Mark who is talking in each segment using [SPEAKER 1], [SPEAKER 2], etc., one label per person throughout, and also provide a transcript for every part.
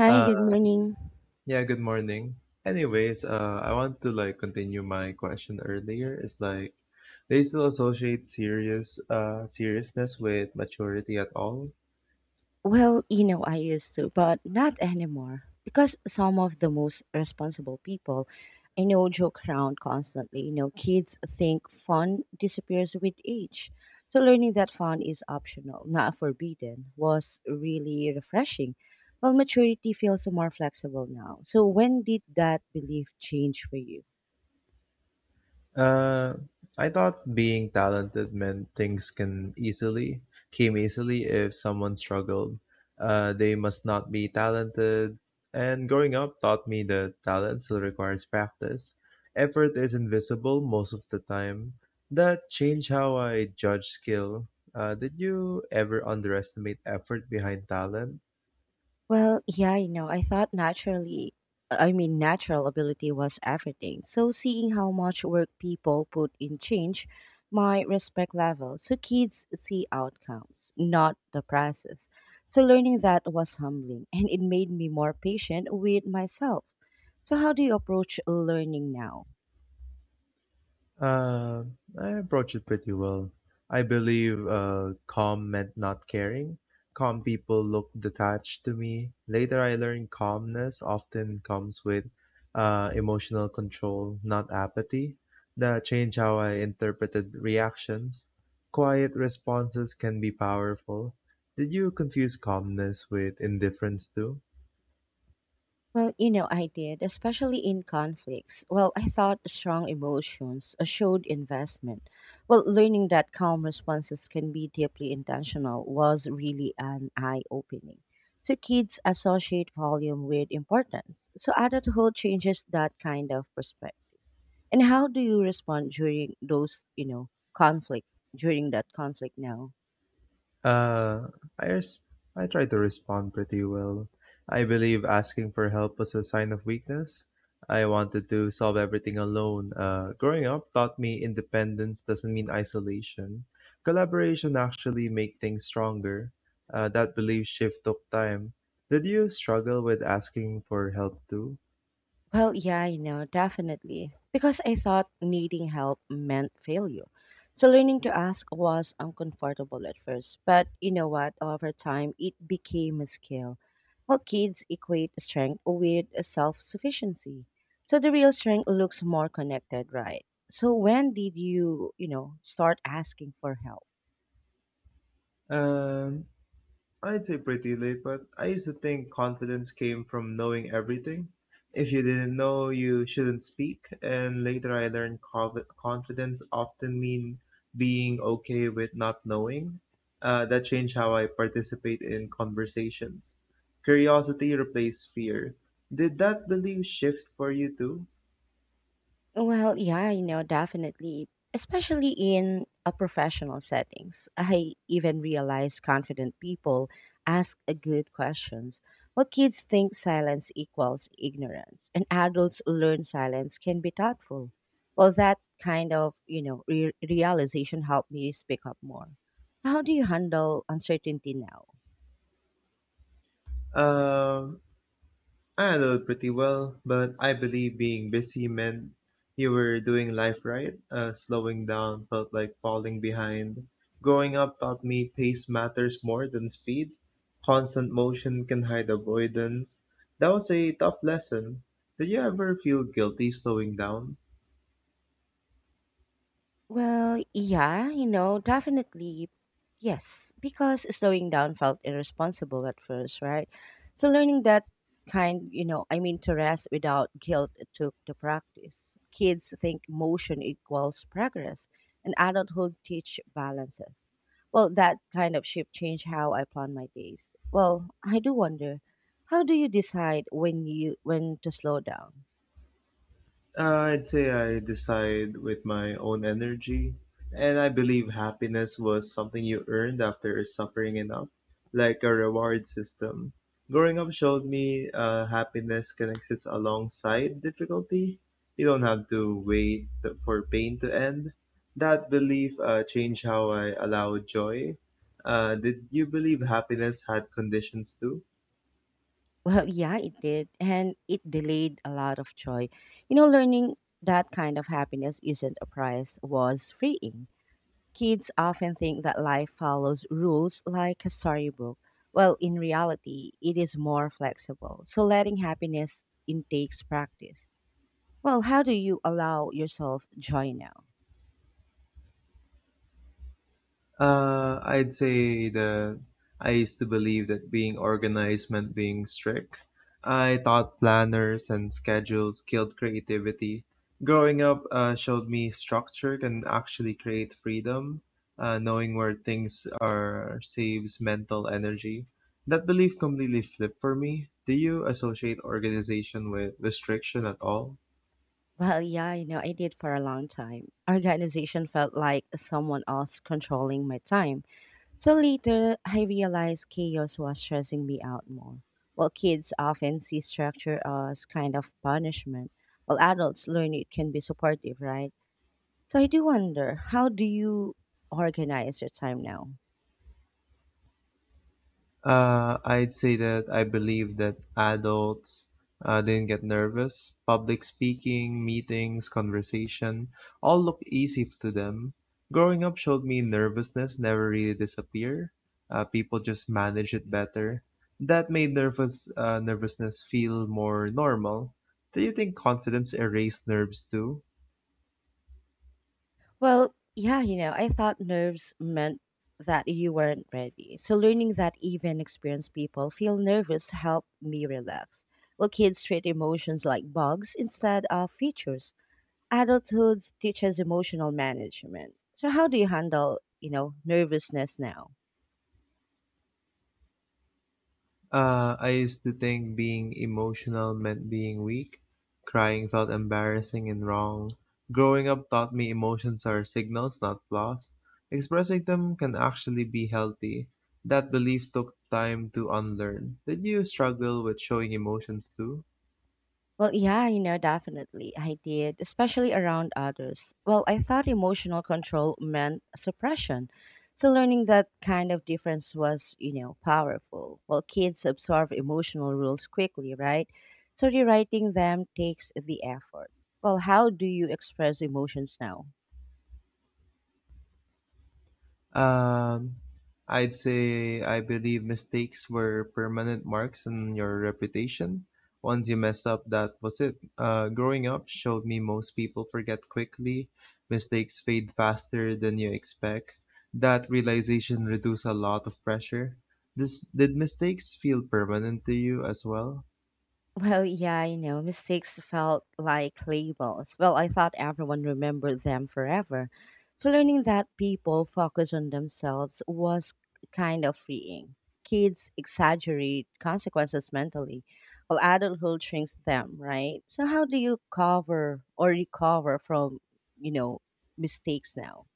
[SPEAKER 1] Hi, good
[SPEAKER 2] Uh,
[SPEAKER 1] morning.
[SPEAKER 2] yeah, good morning. Anyways, I want to continue my question earlier. Is like, they still associate serious, seriousness with maturity at all?
[SPEAKER 1] Well, you know, I used to, but not anymore. Because some of the most responsible people I know joke around constantly. You know, kids think fun disappears with age. So learning that fun is optional, not forbidden, was really refreshing. Well, maturity feels more flexible now. So when did that belief change for you?
[SPEAKER 2] Uh, I thought being talented meant things can easily came easily if someone struggled. They must not be talented. And growing up taught me that talent still requires practice. Effort is invisible most of the time. That changed how I judge skill. Did you ever underestimate effort behind talent?
[SPEAKER 1] Well, yeah, you know, I thought naturally, I mean, natural ability was everything. So seeing how much work people put in change my respect level. So kids see outcomes, not the process. So learning that was humbling and it made me more patient with myself. So, how do you approach learning now?
[SPEAKER 2] Uh, I approach it pretty well. I believe calm meant not caring. Calm people look detached to me. Later, I learned calmness often comes with emotional control, not apathy. That changed how I interpreted reactions. Quiet responses can be powerful. Did you confuse calmness with indifference too?
[SPEAKER 1] Well, you know, I did, especially in conflicts. Well, I thought strong emotions showed investment. Well, learning that calm responses can be deeply intentional was really an eye opening. So, kids associate volume with importance. So, adulthood changes that kind of perspective. And how do you respond during those, you know, conflict, during that conflict now?
[SPEAKER 2] Uh, I res- I try to respond pretty well. I believe asking for help was a sign of weakness. I wanted to solve everything alone. Growing up taught me independence doesn't mean isolation. Collaboration actually make things stronger. That belief shift took time. Did you struggle with asking for help too?
[SPEAKER 1] Well, yeah, I know, definitely. Because I thought needing help meant failure. So learning to ask was uncomfortable at first. But you know what? Over time, it became a skill. Well, kids equate strength with self sufficiency. So the real strength looks more connected, right? So when did you, you know, start asking for help?
[SPEAKER 2] Um, I'd say pretty late, but I used to think confidence came from knowing everything. If you didn't know, you shouldn't speak. And later I learned confidence often mean being okay with not knowing. That changed how I participate in conversations. Curiosity replaced fear. Did that belief shift for you too?
[SPEAKER 1] Well, yeah, you know, definitely. Especially in a professional settings. I even realize confident people ask a good questions. Well, kids think silence equals ignorance, and adults learn silence can be thoughtful. Well, that kind of, you know, realization helped me speak up more. So how do you handle uncertainty now?
[SPEAKER 2] Um, I handled pretty well, but I believe being busy meant you were doing life right. Slowing down felt like falling behind. Growing up taught me pace matters more than speed. Constant motion can hide avoidance. That was a tough lesson. Did you ever feel guilty slowing down?
[SPEAKER 1] Well, yeah, you know, definitely. Yes, because slowing down felt irresponsible at first, right? So learning that kind, you know, I mean, to rest without guilt it took the practice. Kids think motion equals progress, and adulthood teach balances. Well, that kind of shift changed how I plan my days. Well, I do wonder, how do you decide when to slow down?
[SPEAKER 2] I'd say I decide with my own energy, and I believe happiness was something you earned after suffering enough, like a reward system. Growing up showed me happiness can exist alongside difficulty. You don't have to for pain to end. That belief changed how I allow joy. Did you believe happiness had conditions too?
[SPEAKER 1] Well, yeah, it did. And it delayed a lot of joy. You know, learning that kind of happiness isn't a prize was freeing. Kids often think that life follows rules like a storybook. Well, in reality, it is more flexible. So letting happiness in takes practice. Well, how do you allow yourself joy now?
[SPEAKER 2] I'd say that I used to believe that being organized meant being strict. I thought planners and schedules killed creativity. Growing up showed me structure can actually create freedom. Knowing where things are saves mental energy. That belief completely flipped for me. Do you associate organization with restriction at all?
[SPEAKER 1] Well, yeah, you know, I did for a long time. Organization felt like someone else controlling my time. So later, I realized chaos was stressing me out more. While kids often see structure as kind of punishment, while adults learn it can be supportive, right? So I do wonder, how do you organize your time now?
[SPEAKER 2] I'd say that I believe that adults didn't get nervous. Public speaking, meetings, conversation all to them. Growing up showed me nervousness never really disappear. People just manage it better. That made nervousness feel more normal. Do you think confidence erased nerves too?
[SPEAKER 1] Well, yeah, you know, I thought nerves meant that you weren't ready. So learning that even experienced people feel nervous helped me relax. Well, kids treat emotions like bugs instead of features. Adulthood teaches emotional management. So how do you handle, you know, nervousness now?
[SPEAKER 2] I used to think being emotional meant being weak. Crying felt embarrassing and wrong. Growing up taught me emotions are signals, not flaws. Expressing them can actually be healthy. That belief took time to unlearn. Did you struggle with showing emotions too?
[SPEAKER 1] Well, yeah, you know, definitely I did, especially around others. Well, I thought emotional control meant suppression. So learning that kind of difference was, you know, powerful. Well, kids absorb emotional rules quickly, right? So rewriting them takes the effort. Well, how do you express emotions now?
[SPEAKER 2] Um, I'd say I believe mistakes were permanent marks on your reputation. Once you mess up, that was it. Growing up showed me most people forget quickly. Mistakes fade faster than you expect. That realization reduced a lot of pressure. This, did mistakes feel permanent to you as well?
[SPEAKER 1] Well, yeah, you know, mistakes felt like labels. Well, I thought everyone remembered them forever. So learning that people focus on themselves was kind of freeing. Kids exaggerate consequences mentally, while adulthood shrinks them, right? So how do you cover or recover from, you know, mistakes now?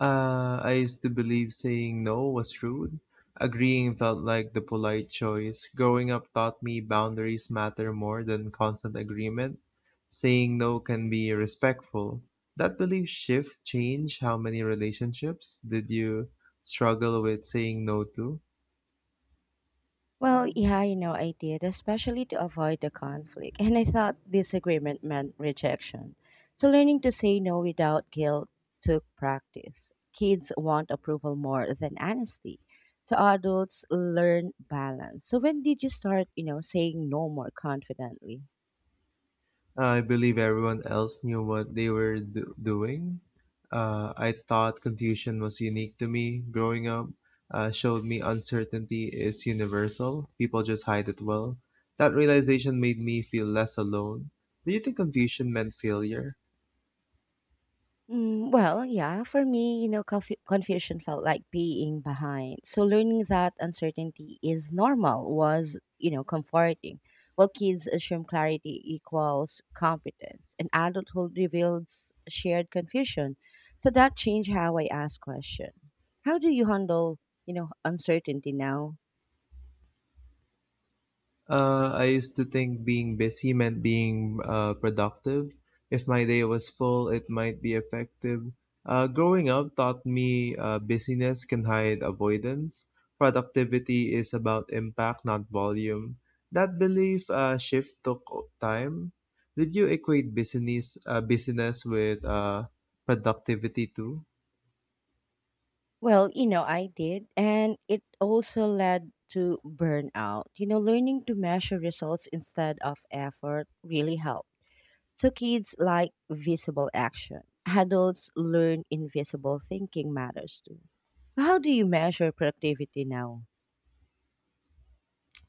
[SPEAKER 2] I used to believe saying no was rude. Agreeing felt like the polite choice. Growing up taught me boundaries matter more than constant agreement. Saying no can be respectful. That belief shift changed how many relationships did you struggle with saying no to?
[SPEAKER 1] Well, yeah, you know, I did, especially to avoid the conflict. And I thought disagreement meant rejection. So learning to say no without guilt took practice. Kids want approval more than honesty. So adults learn balance. So when did you start, you know, saying no more confidently?
[SPEAKER 2] I believe everyone else knew what they doing. I thought confusion was unique to me growing up. Showed me uncertainty is universal. People just hide it well. That realization made me feel less alone. Do you think confusion meant failure?
[SPEAKER 1] Mm, well, yeah, for me, you know, confusion felt like being behind. So learning that uncertainty is normal was, you know, comforting. While kids assume clarity equals competence, and adulthood reveals shared confusion. So that changed how I ask question. How do you handle, you know, uncertainty now?
[SPEAKER 2] I used to think being busy meant being productive. If my day was full, it might be effective. Growing up taught me busyness can hide avoidance. Productivity is about impact, not volume. That belief shift took time. Did you equate business with productivity too?
[SPEAKER 1] Well, you know, I did, and it also led to burnout. You know, learning to measure results instead of effort really helped. So kids like visible action. Adults learn invisible thinking matters too. So how do you measure productivity now?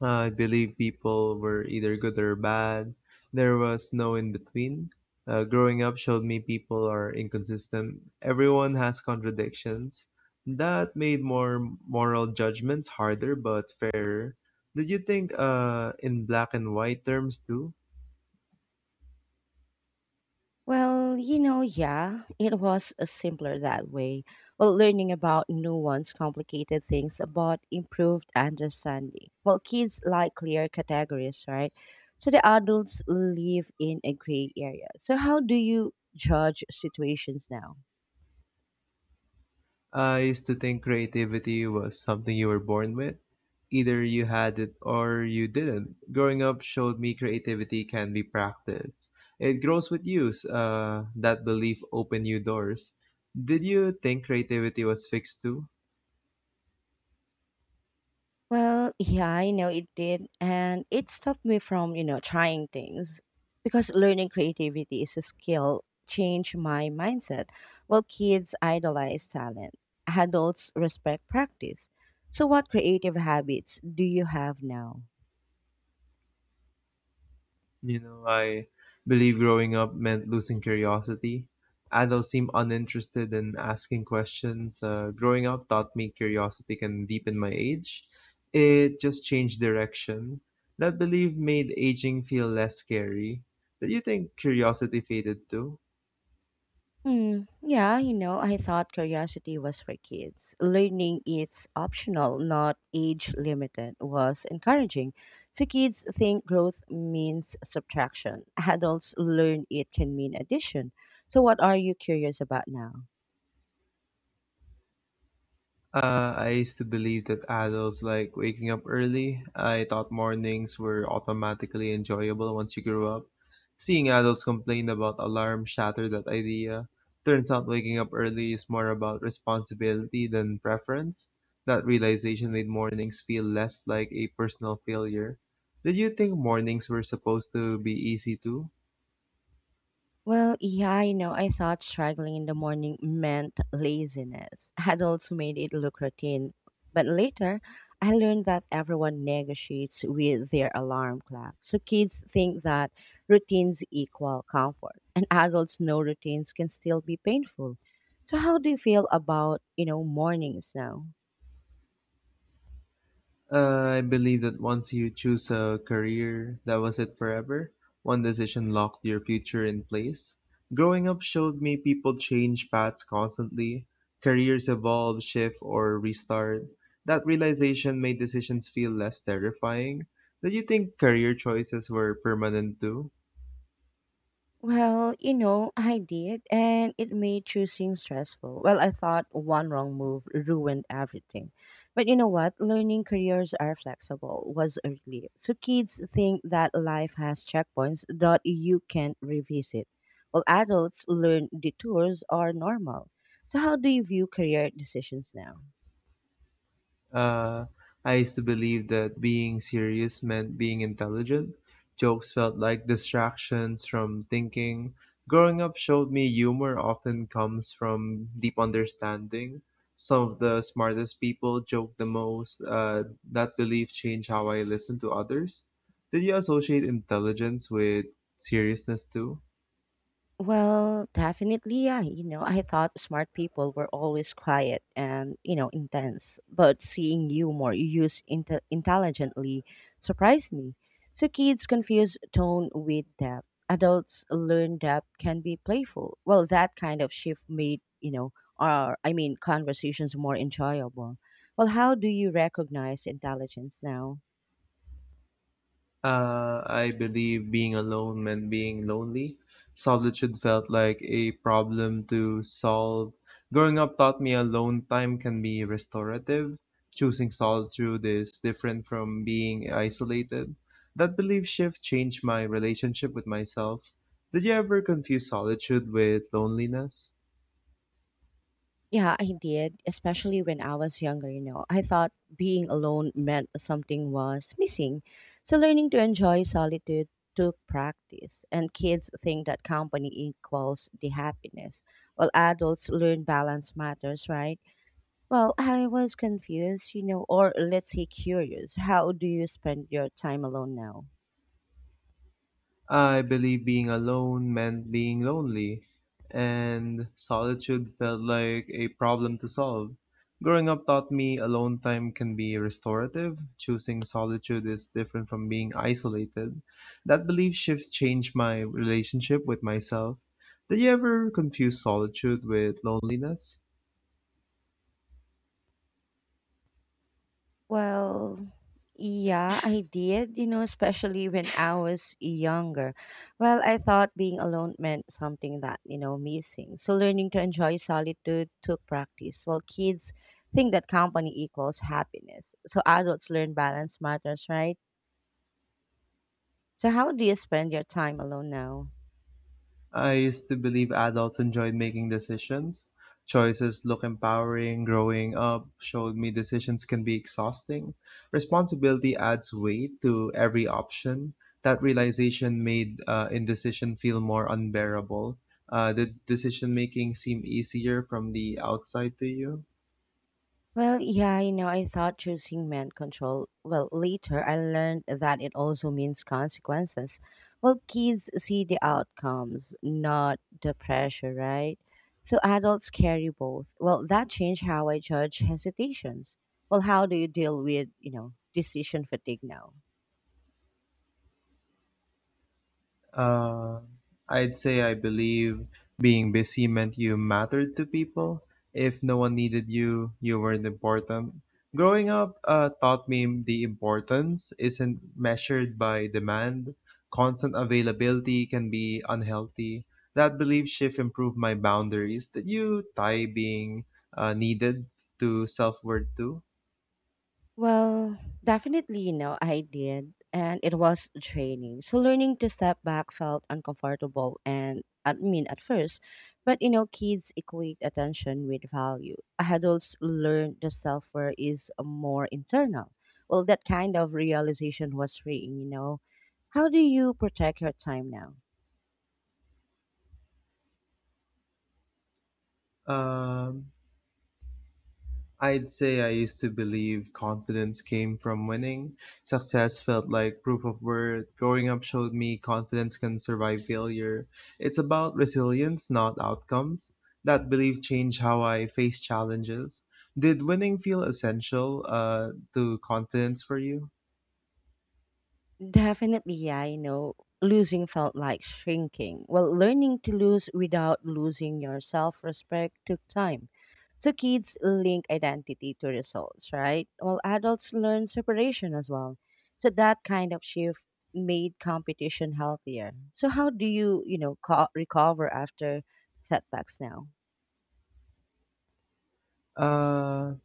[SPEAKER 2] I believe people were either good or bad. There was no in between. Growing up showed me people are inconsistent. Everyone has contradictions. That made more moral judgments harder but fairer. Did you think in black and white terms too?
[SPEAKER 1] Well, you know, yeah, it was simpler that way. Well, learning about nuanced, complicated things about improved understanding. Well, kids like clear categories, right? So the adults live in a gray area. So how do you judge situations now?
[SPEAKER 2] I used to think creativity was something you were born with. Either you had it or you didn't. Growing up showed me creativity can be practiced. It grows with use. That belief opened new doors. Did you think creativity was fixed too?
[SPEAKER 1] Well, yeah, I know it did. And it stopped me from, you know, trying things because learning creativity is a skill, change my mindset. Well, kids idolize talent, adults respect practice. So, what creative habits do you have now?
[SPEAKER 2] You know, I believe growing up meant losing curiosity. Adults seem uninterested in asking questions. Growing up taught me curiosity can deepen my age. It just changed direction. That belief made aging feel less scary. Do you think curiosity faded too?
[SPEAKER 1] Hmm. Yeah, you know, I thought curiosity was for kids. Learning it's optional, not age limited, was encouraging. So kids think growth means subtraction. Adults learn it can mean addition. So what are you curious about now?
[SPEAKER 2] I used to believe that adults like waking up early. I thought mornings were automatically enjoyable once you grew up. Seeing adults complain about alarm shattered that idea. Turns out waking up early is more about responsibility than preference. That realization made mornings feel less like a personal failure. Did you think mornings were supposed to be easy too?
[SPEAKER 1] Well, yeah, I know. I thought struggling in the morning meant laziness. I had also made it look routine. But later, I learned that everyone negotiates with their alarm clock. So kids think that routines equal comfort, and adults know routines can still be painful. So how do you feel about, you know, mornings now?
[SPEAKER 2] I believe that once you choose a career, that was it forever. One decision locked your future in place. Growing up showed me people change paths constantly. Careers evolve, shift, or restart. That realization made decisions feel less terrifying. Did you think career choices were permanent too?
[SPEAKER 1] Well, you know, I did, and it made choosing stressful. Well, I thought one wrong move ruined everything. But you know what? Learning careers are flexible was a relief. So kids think that life has checkpoints that you can't revisit. Well, adults learn detours are normal. So, how do you view career decisions now?
[SPEAKER 2] Uh, I used to believe that being serious meant being intelligent. Jokes felt like distractions from thinking. Growing up showed me humor often comes from deep understanding. Some of the smartest people joke the most. That belief changed how I listen to others. Did you associate intelligence with seriousness too?
[SPEAKER 1] Well, definitely, yeah. You know, I thought smart people were always quiet and, you know, intense, but seeing you more use intelligently surprised me. So kids confuse tone with depth. Adults learn depth can be playful. Well, that kind of shift made, you know, our, I mean, conversations more enjoyable. Well, how do you recognize intelligence now?
[SPEAKER 2] I believe being alone meant being lonely. Solitude felt like a problem to solve. Growing up taught me alone time can be restorative. Choosing solitude is different from being isolated. That belief shift changed my relationship with myself. Did you ever confuse solitude with loneliness?
[SPEAKER 1] Yeah, I did, especially when I was younger, you know. I thought being alone meant something was missing. So learning to enjoy solitude took practice, and kids think that company equals the happiness. While adults learn balance matters, right? Well, I was confused, you know, or let's say curious. How do you spend your time alone now?
[SPEAKER 2] I believe being alone meant being lonely, and solitude felt like a problem to solve. Growing up taught me alone time can be restorative. Choosing solitude is different from being isolated. That belief shift changed my relationship with myself. Did you ever confuse solitude with loneliness?
[SPEAKER 1] Well, yeah, I did, you know, especially when I was younger. Well, I thought being alone meant something that, you know, missing. So learning to enjoy solitude took practice. Well, kids think that company equals happiness. So adults learn balance matters, right? So how do you spend your time alone now?
[SPEAKER 2] I used to believe adults enjoyed making decisions. Choices look empowering. Growing up showed me decisions can be exhausting. Responsibility adds weight to every option. That realization made indecision feel more unbearable. Did decision making seem easier from the outside to you?
[SPEAKER 1] Well, yeah, you know, I thought choosing meant control. Well, later I learned that it also means consequences. Well, kids see the outcomes, not the pressure, right? So adults carry both. Well, that changed how I judge hesitations. Well, how do you deal with, you know, decision fatigue now?
[SPEAKER 2] Uh, I'd say I believe being busy meant you mattered to people. If no one needed you, you weren't important. Growing up taught me the importance isn't measured by demand. Constant availability can be unhealthy. That belief shift improved my boundaries. Did you tie being needed to self worth too?
[SPEAKER 1] Well, definitely, you know, I did. And it was draining. So learning to step back felt uncomfortable and I mean at first. But you know, kids equate attention with value. Adults learn the self worth is more internal. Well, that kind of realization was freeing, you know. How do you protect your time now?
[SPEAKER 2] Um I'd say I used to believe confidence came from winning. Success felt like proof of worth. Growing up showed me confidence can survive failure. It's about resilience, not outcomes. That belief changed how I face challenges. Did winning feel essential to confidence for you?
[SPEAKER 1] Definitely, yeah, I know. Losing felt like shrinking. Well, learning to lose without losing your self respect took time. So kids link identity to results, right? Well, adults learn separation as well. So that kind of shift made competition healthier. So how do you, you know, recover after setbacks now?
[SPEAKER 2] Uh,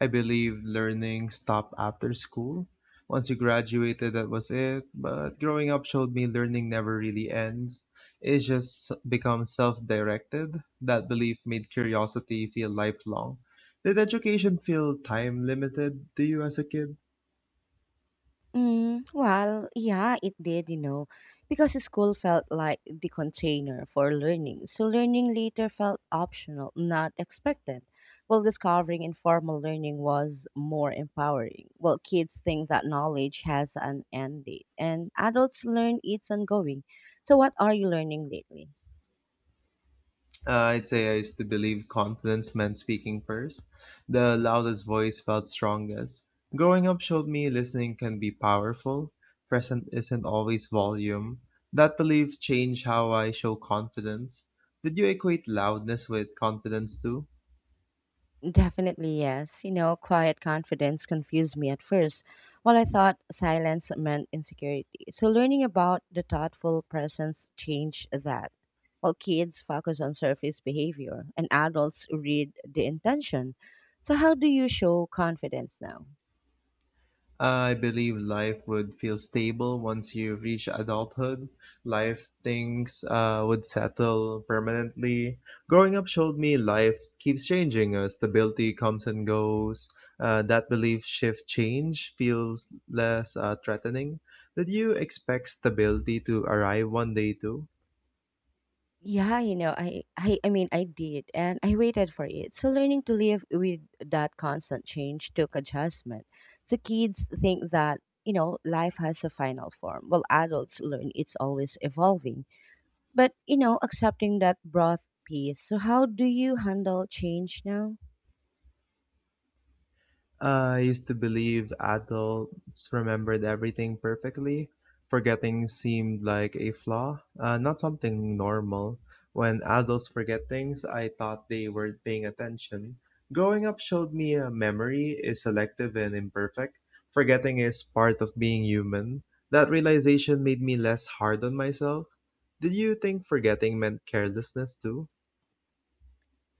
[SPEAKER 2] I believe learning stopped after school. Once you graduated, that was it. But growing up showed me learning never really ends. It just becomes self directed. That belief made curiosity feel lifelong. Did education feel time limited to you as a kid?
[SPEAKER 1] Mm, well, yeah, it did, you know, because school felt like the container for learning. So learning later felt optional, not expected. While discovering informal learning was more empowering. Well, kids think that knowledge has an end date, and adults learn it's ongoing. So, what are you learning lately?
[SPEAKER 2] I'd say I used to believe confidence meant speaking first. The loudest voice felt strongest. Growing up showed me listening can be powerful. Present isn't always volume. That belief changed how I show confidence. Did you equate loudness with confidence too?
[SPEAKER 1] Definitely, yes. You know, quiet confidence confused me at first, while I thought silence meant insecurity. So, learning about the thoughtful presence changed that. While kids focus on surface behavior and adults read the intention. So, how do you show confidence now?
[SPEAKER 2] I believe life would feel stable once you reach adulthood. Life things would settle permanently. Growing up showed me life keeps changing. Stability comes and goes. That belief shift change feels less threatening. Did you expect stability to arrive one day too?
[SPEAKER 1] Yeah, you know, I did and I waited for it. So learning to live with that constant change took adjustment. So kids think that, you know, life has a final form, while adults learn it's always evolving. But you know, accepting that broad piece. So how do you handle change now?
[SPEAKER 2] I used to believe adults remembered everything perfectly. Forgetting seemed like a flaw, not something normal. When adults forget things, I thought they weren't paying attention. Growing up showed me memory is selective and imperfect. Forgetting is part of being human. That realization made me less hard on myself. Did you think forgetting meant carelessness too?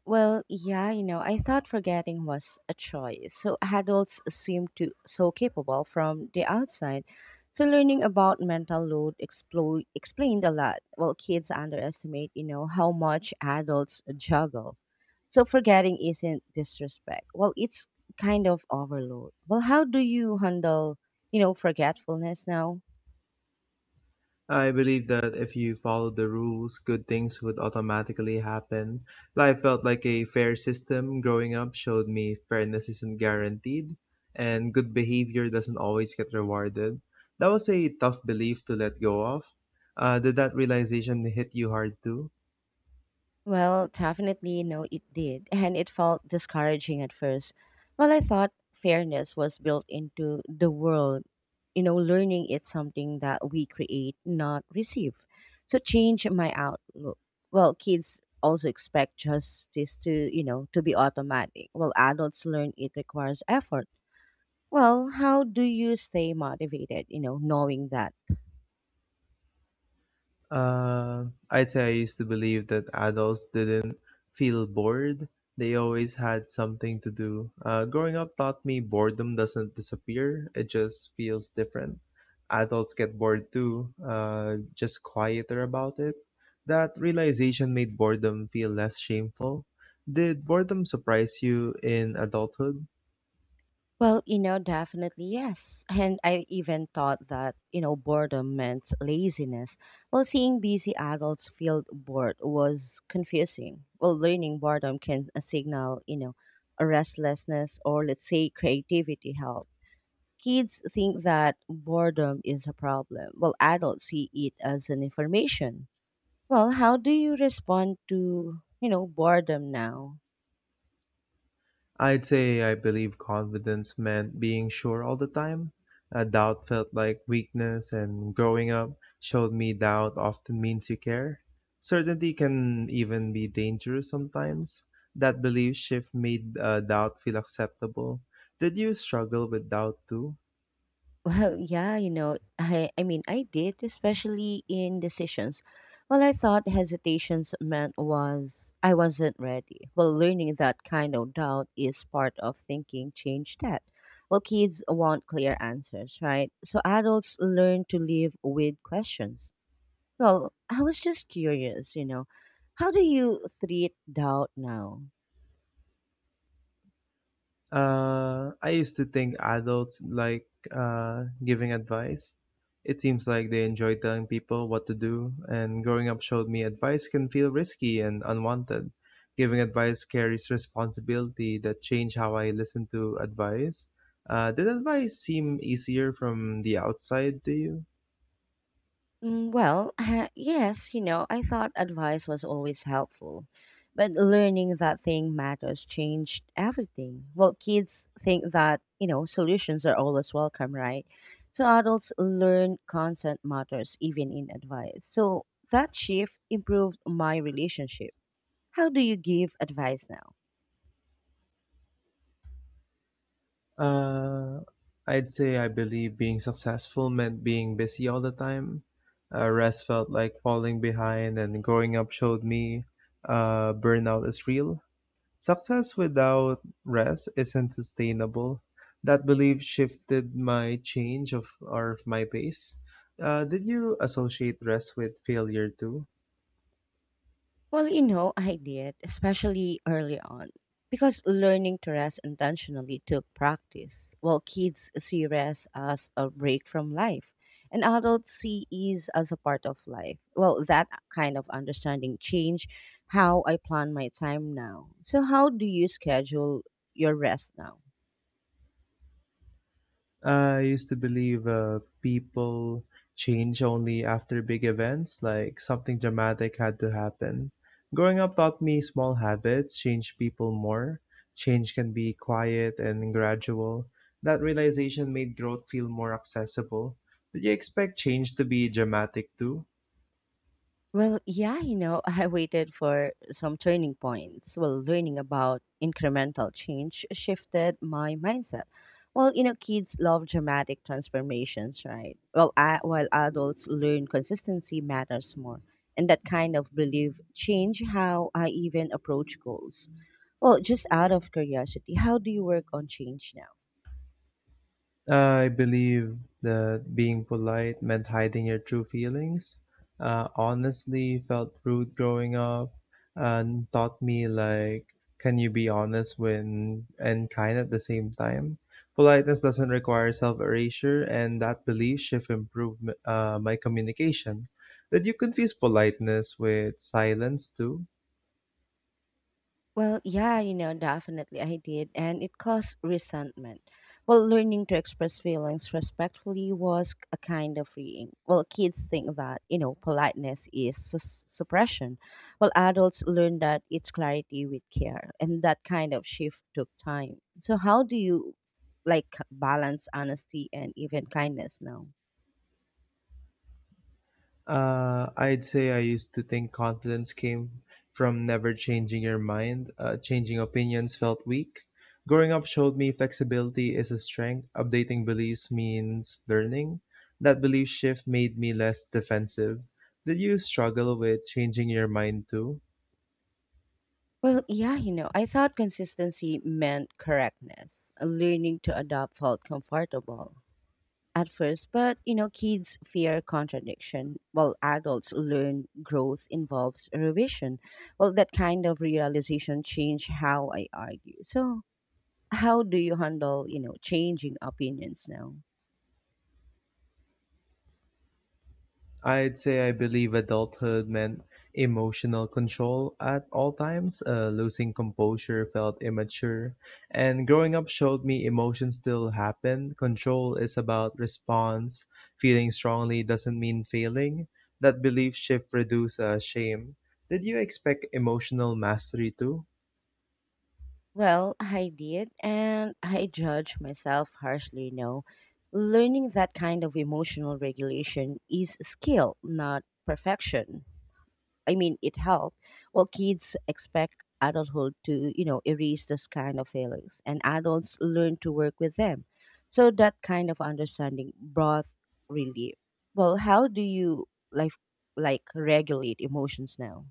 [SPEAKER 1] Well, yeah, you know, I thought forgetting was a choice. So adults seem to so capable from the outside. So learning about mental load explained a lot. Well, kids underestimate, you know, how much adults juggle. So forgetting isn't disrespect. Well, it's kind of overload. Well, how do you handle, you know, forgetfulness now?
[SPEAKER 2] I believed that if you followed the rules, good things would automatically happen. Life felt like a fair system growing up showed me fairness isn't guaranteed and good behavior doesn't always get rewarded. That was a tough belief to let go of. Did that realization hit you hard too?
[SPEAKER 1] Well, definitely no, it did. And it felt discouraging at first. Well, I thought fairness was built into the world. Learning it's something that we create, not receive. So change my outlook. Well, kids also expect justice to be automatic. Well, adults learn it requires effort. Well, how do you stay motivated, knowing that?
[SPEAKER 2] Uh, I'd say I used to believe that adults didn't feel bored. They always had something to do. Growing up taught me boredom doesn't disappear, it just feels different. Adults get bored too, just quieter about it. That realization made boredom feel less shameful. Did boredom surprise you in adulthood?
[SPEAKER 1] Well, definitely yes. And I even thought that boredom meant laziness. Well, seeing busy adults feel bored was confusing. Well, learning boredom can signal, a restlessness or let's say creativity help. Kids think that boredom is a problem. Well, adults see it as an information. Well, how do you respond to boredom now?
[SPEAKER 2] I'd say I believe confidence meant being sure all the time. A doubt felt like weakness, and growing up showed me doubt often means you care. Certainty can even be dangerous sometimes. That belief shift made doubt feel acceptable. Did you struggle with doubt too?
[SPEAKER 1] Well, yeah, I mean, I did, especially in decisions. Well, I thought hesitations meant was I wasn't ready. Well, learning that kind of doubt is part of thinking change that. Well, kids want clear answers, right? So adults learn to live with questions. Well, I was just curious, how do you treat doubt now?
[SPEAKER 2] I used to think adults like giving advice. It seems like they enjoy telling people what to do, and growing up showed me advice can feel risky and unwanted. Giving advice carries responsibility that changed how I listen to advice. Did advice seem easier from the outside to you?
[SPEAKER 1] Well, yes, I thought advice was always helpful, but learning that thing matters changed everything. Well, kids think that solutions are always welcome, right? So adults learn consent matters even in advice. So that shift improved my relationship. How do you give advice now?
[SPEAKER 2] Uh, I'd say I believe being successful meant being busy all the time. Rest felt like falling behind, and growing up showed me burnout is real. Success without rest isn't sustainable. That belief shifted my change of or of my pace. Did you associate rest with failure too?
[SPEAKER 1] Well, I did, especially early on, because learning to rest intentionally took practice. While kids see rest as a break from life, and adults see ease as a part of life. Well, that kind of understanding changed how I plan my time now. So, how do you schedule your rest now?
[SPEAKER 2] I used to believe people change only after big events, like something dramatic had to happen. Growing up taught me small habits change people more. Change can be quiet and gradual. That realization made growth feel more accessible. Did you expect change to be dramatic too?
[SPEAKER 1] Well, yeah, I waited for some turning points. Well, learning about incremental change shifted my mindset. Well, kids love dramatic transformations, right? Well, while adults learn consistency matters more. And that kind of belief change how I even approach goals. Well, just out of curiosity, how do you work on change now?
[SPEAKER 2] I believe that being polite meant hiding your true feelings. Honestly, felt rude growing up and taught me like, can you be honest when and kind at the same time? Politeness doesn't require self-erasure, and that belief shift improved my communication. Did you confuse politeness with silence too?
[SPEAKER 1] Well, yeah, definitely I did, and it caused resentment. Well, learning to express feelings respectfully was a kind of freeing. Well, kids think that politeness is suppression, while adults learn that it's clarity with care, and that kind of shift took time. So, how do you like balance honesty and even kindness now?
[SPEAKER 2] I'd say I used to think confidence came from never changing your mind. Changing opinions felt weak. Growing up showed me flexibility is a strength. Updating beliefs means learning. That belief shift made me less defensive. Did you struggle with changing your mind too?
[SPEAKER 1] Well, yeah, I thought consistency meant correctness, learning to adopt felt comfortable at first, but kids fear contradiction, while adults learn growth involves revision. Well, that kind of realization changed how I argue. So, how do you handle changing opinions now?
[SPEAKER 2] I'd say I believe adulthood meant emotional control at all times. Losing composure felt immature. And growing up showed me emotions still happen. Control is about response. Feeling strongly doesn't mean failing. That belief shift reduced shame. Did you expect emotional mastery too?
[SPEAKER 1] Well, I did, and I judge myself harshly. No, learning that kind of emotional regulation is skill, not perfection. I mean, it helped. Well, kids expect adulthood to erase this kind of feelings, and adults learn to work with them. So that kind of understanding brought relief. Well, how do you like like regulate emotions now?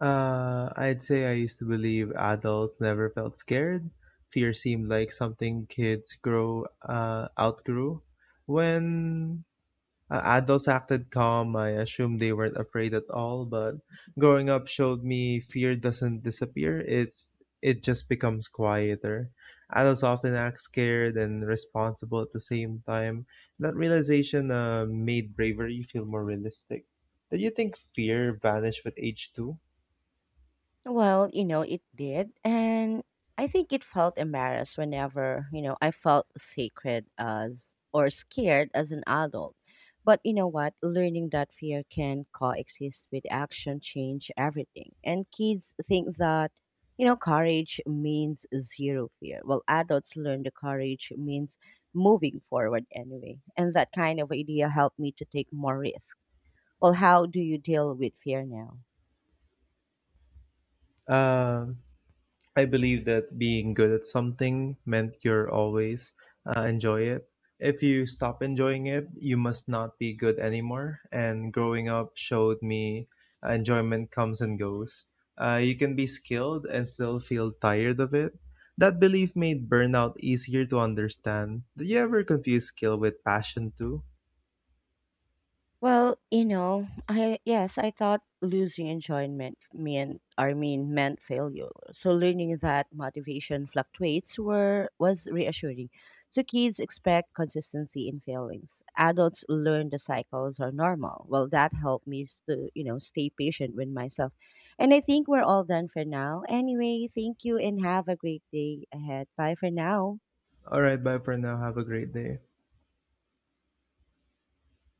[SPEAKER 2] I'd say I used to believe adults never felt scared. Fear seemed like something kids grow outgrew. When adults acted calm, I assumed they weren't afraid at all. But growing up showed me fear doesn't disappear. It just becomes quieter. Adults often act scared and responsible at the same time. That realization made bravery feel more realistic. Did you think fear vanished with age too?
[SPEAKER 1] Well, it did. And I think it felt embarrassed whenever I felt sacred as or scared as an adult. But you know what? Learning that fear can coexist with action change everything. And kids think that courage means zero fear. Well, adults learn the courage means moving forward anyway. And that kind of idea helped me to take more risk. Well, how do you deal with fear now?
[SPEAKER 2] Um, I believe that being good at something meant you're always enjoy it. If you stop enjoying it, you must not be good anymore. And growing up showed me enjoyment comes and goes. You can be skilled and still feel tired of it. That belief made burnout easier to understand. Did you ever confuse skill with passion too?
[SPEAKER 1] Well, I yes, I thought losing enjoyment meant I mean meant failure. So learning that motivation fluctuates were was reassuring. So kids expect consistency in feelings. Adults learn the cycles are normal. Well, that helped me to stay patient with myself. And I think we're all done for now. Anyway, thank you and have a great day ahead. Bye for now.
[SPEAKER 2] All right, bye for now. Have a great day.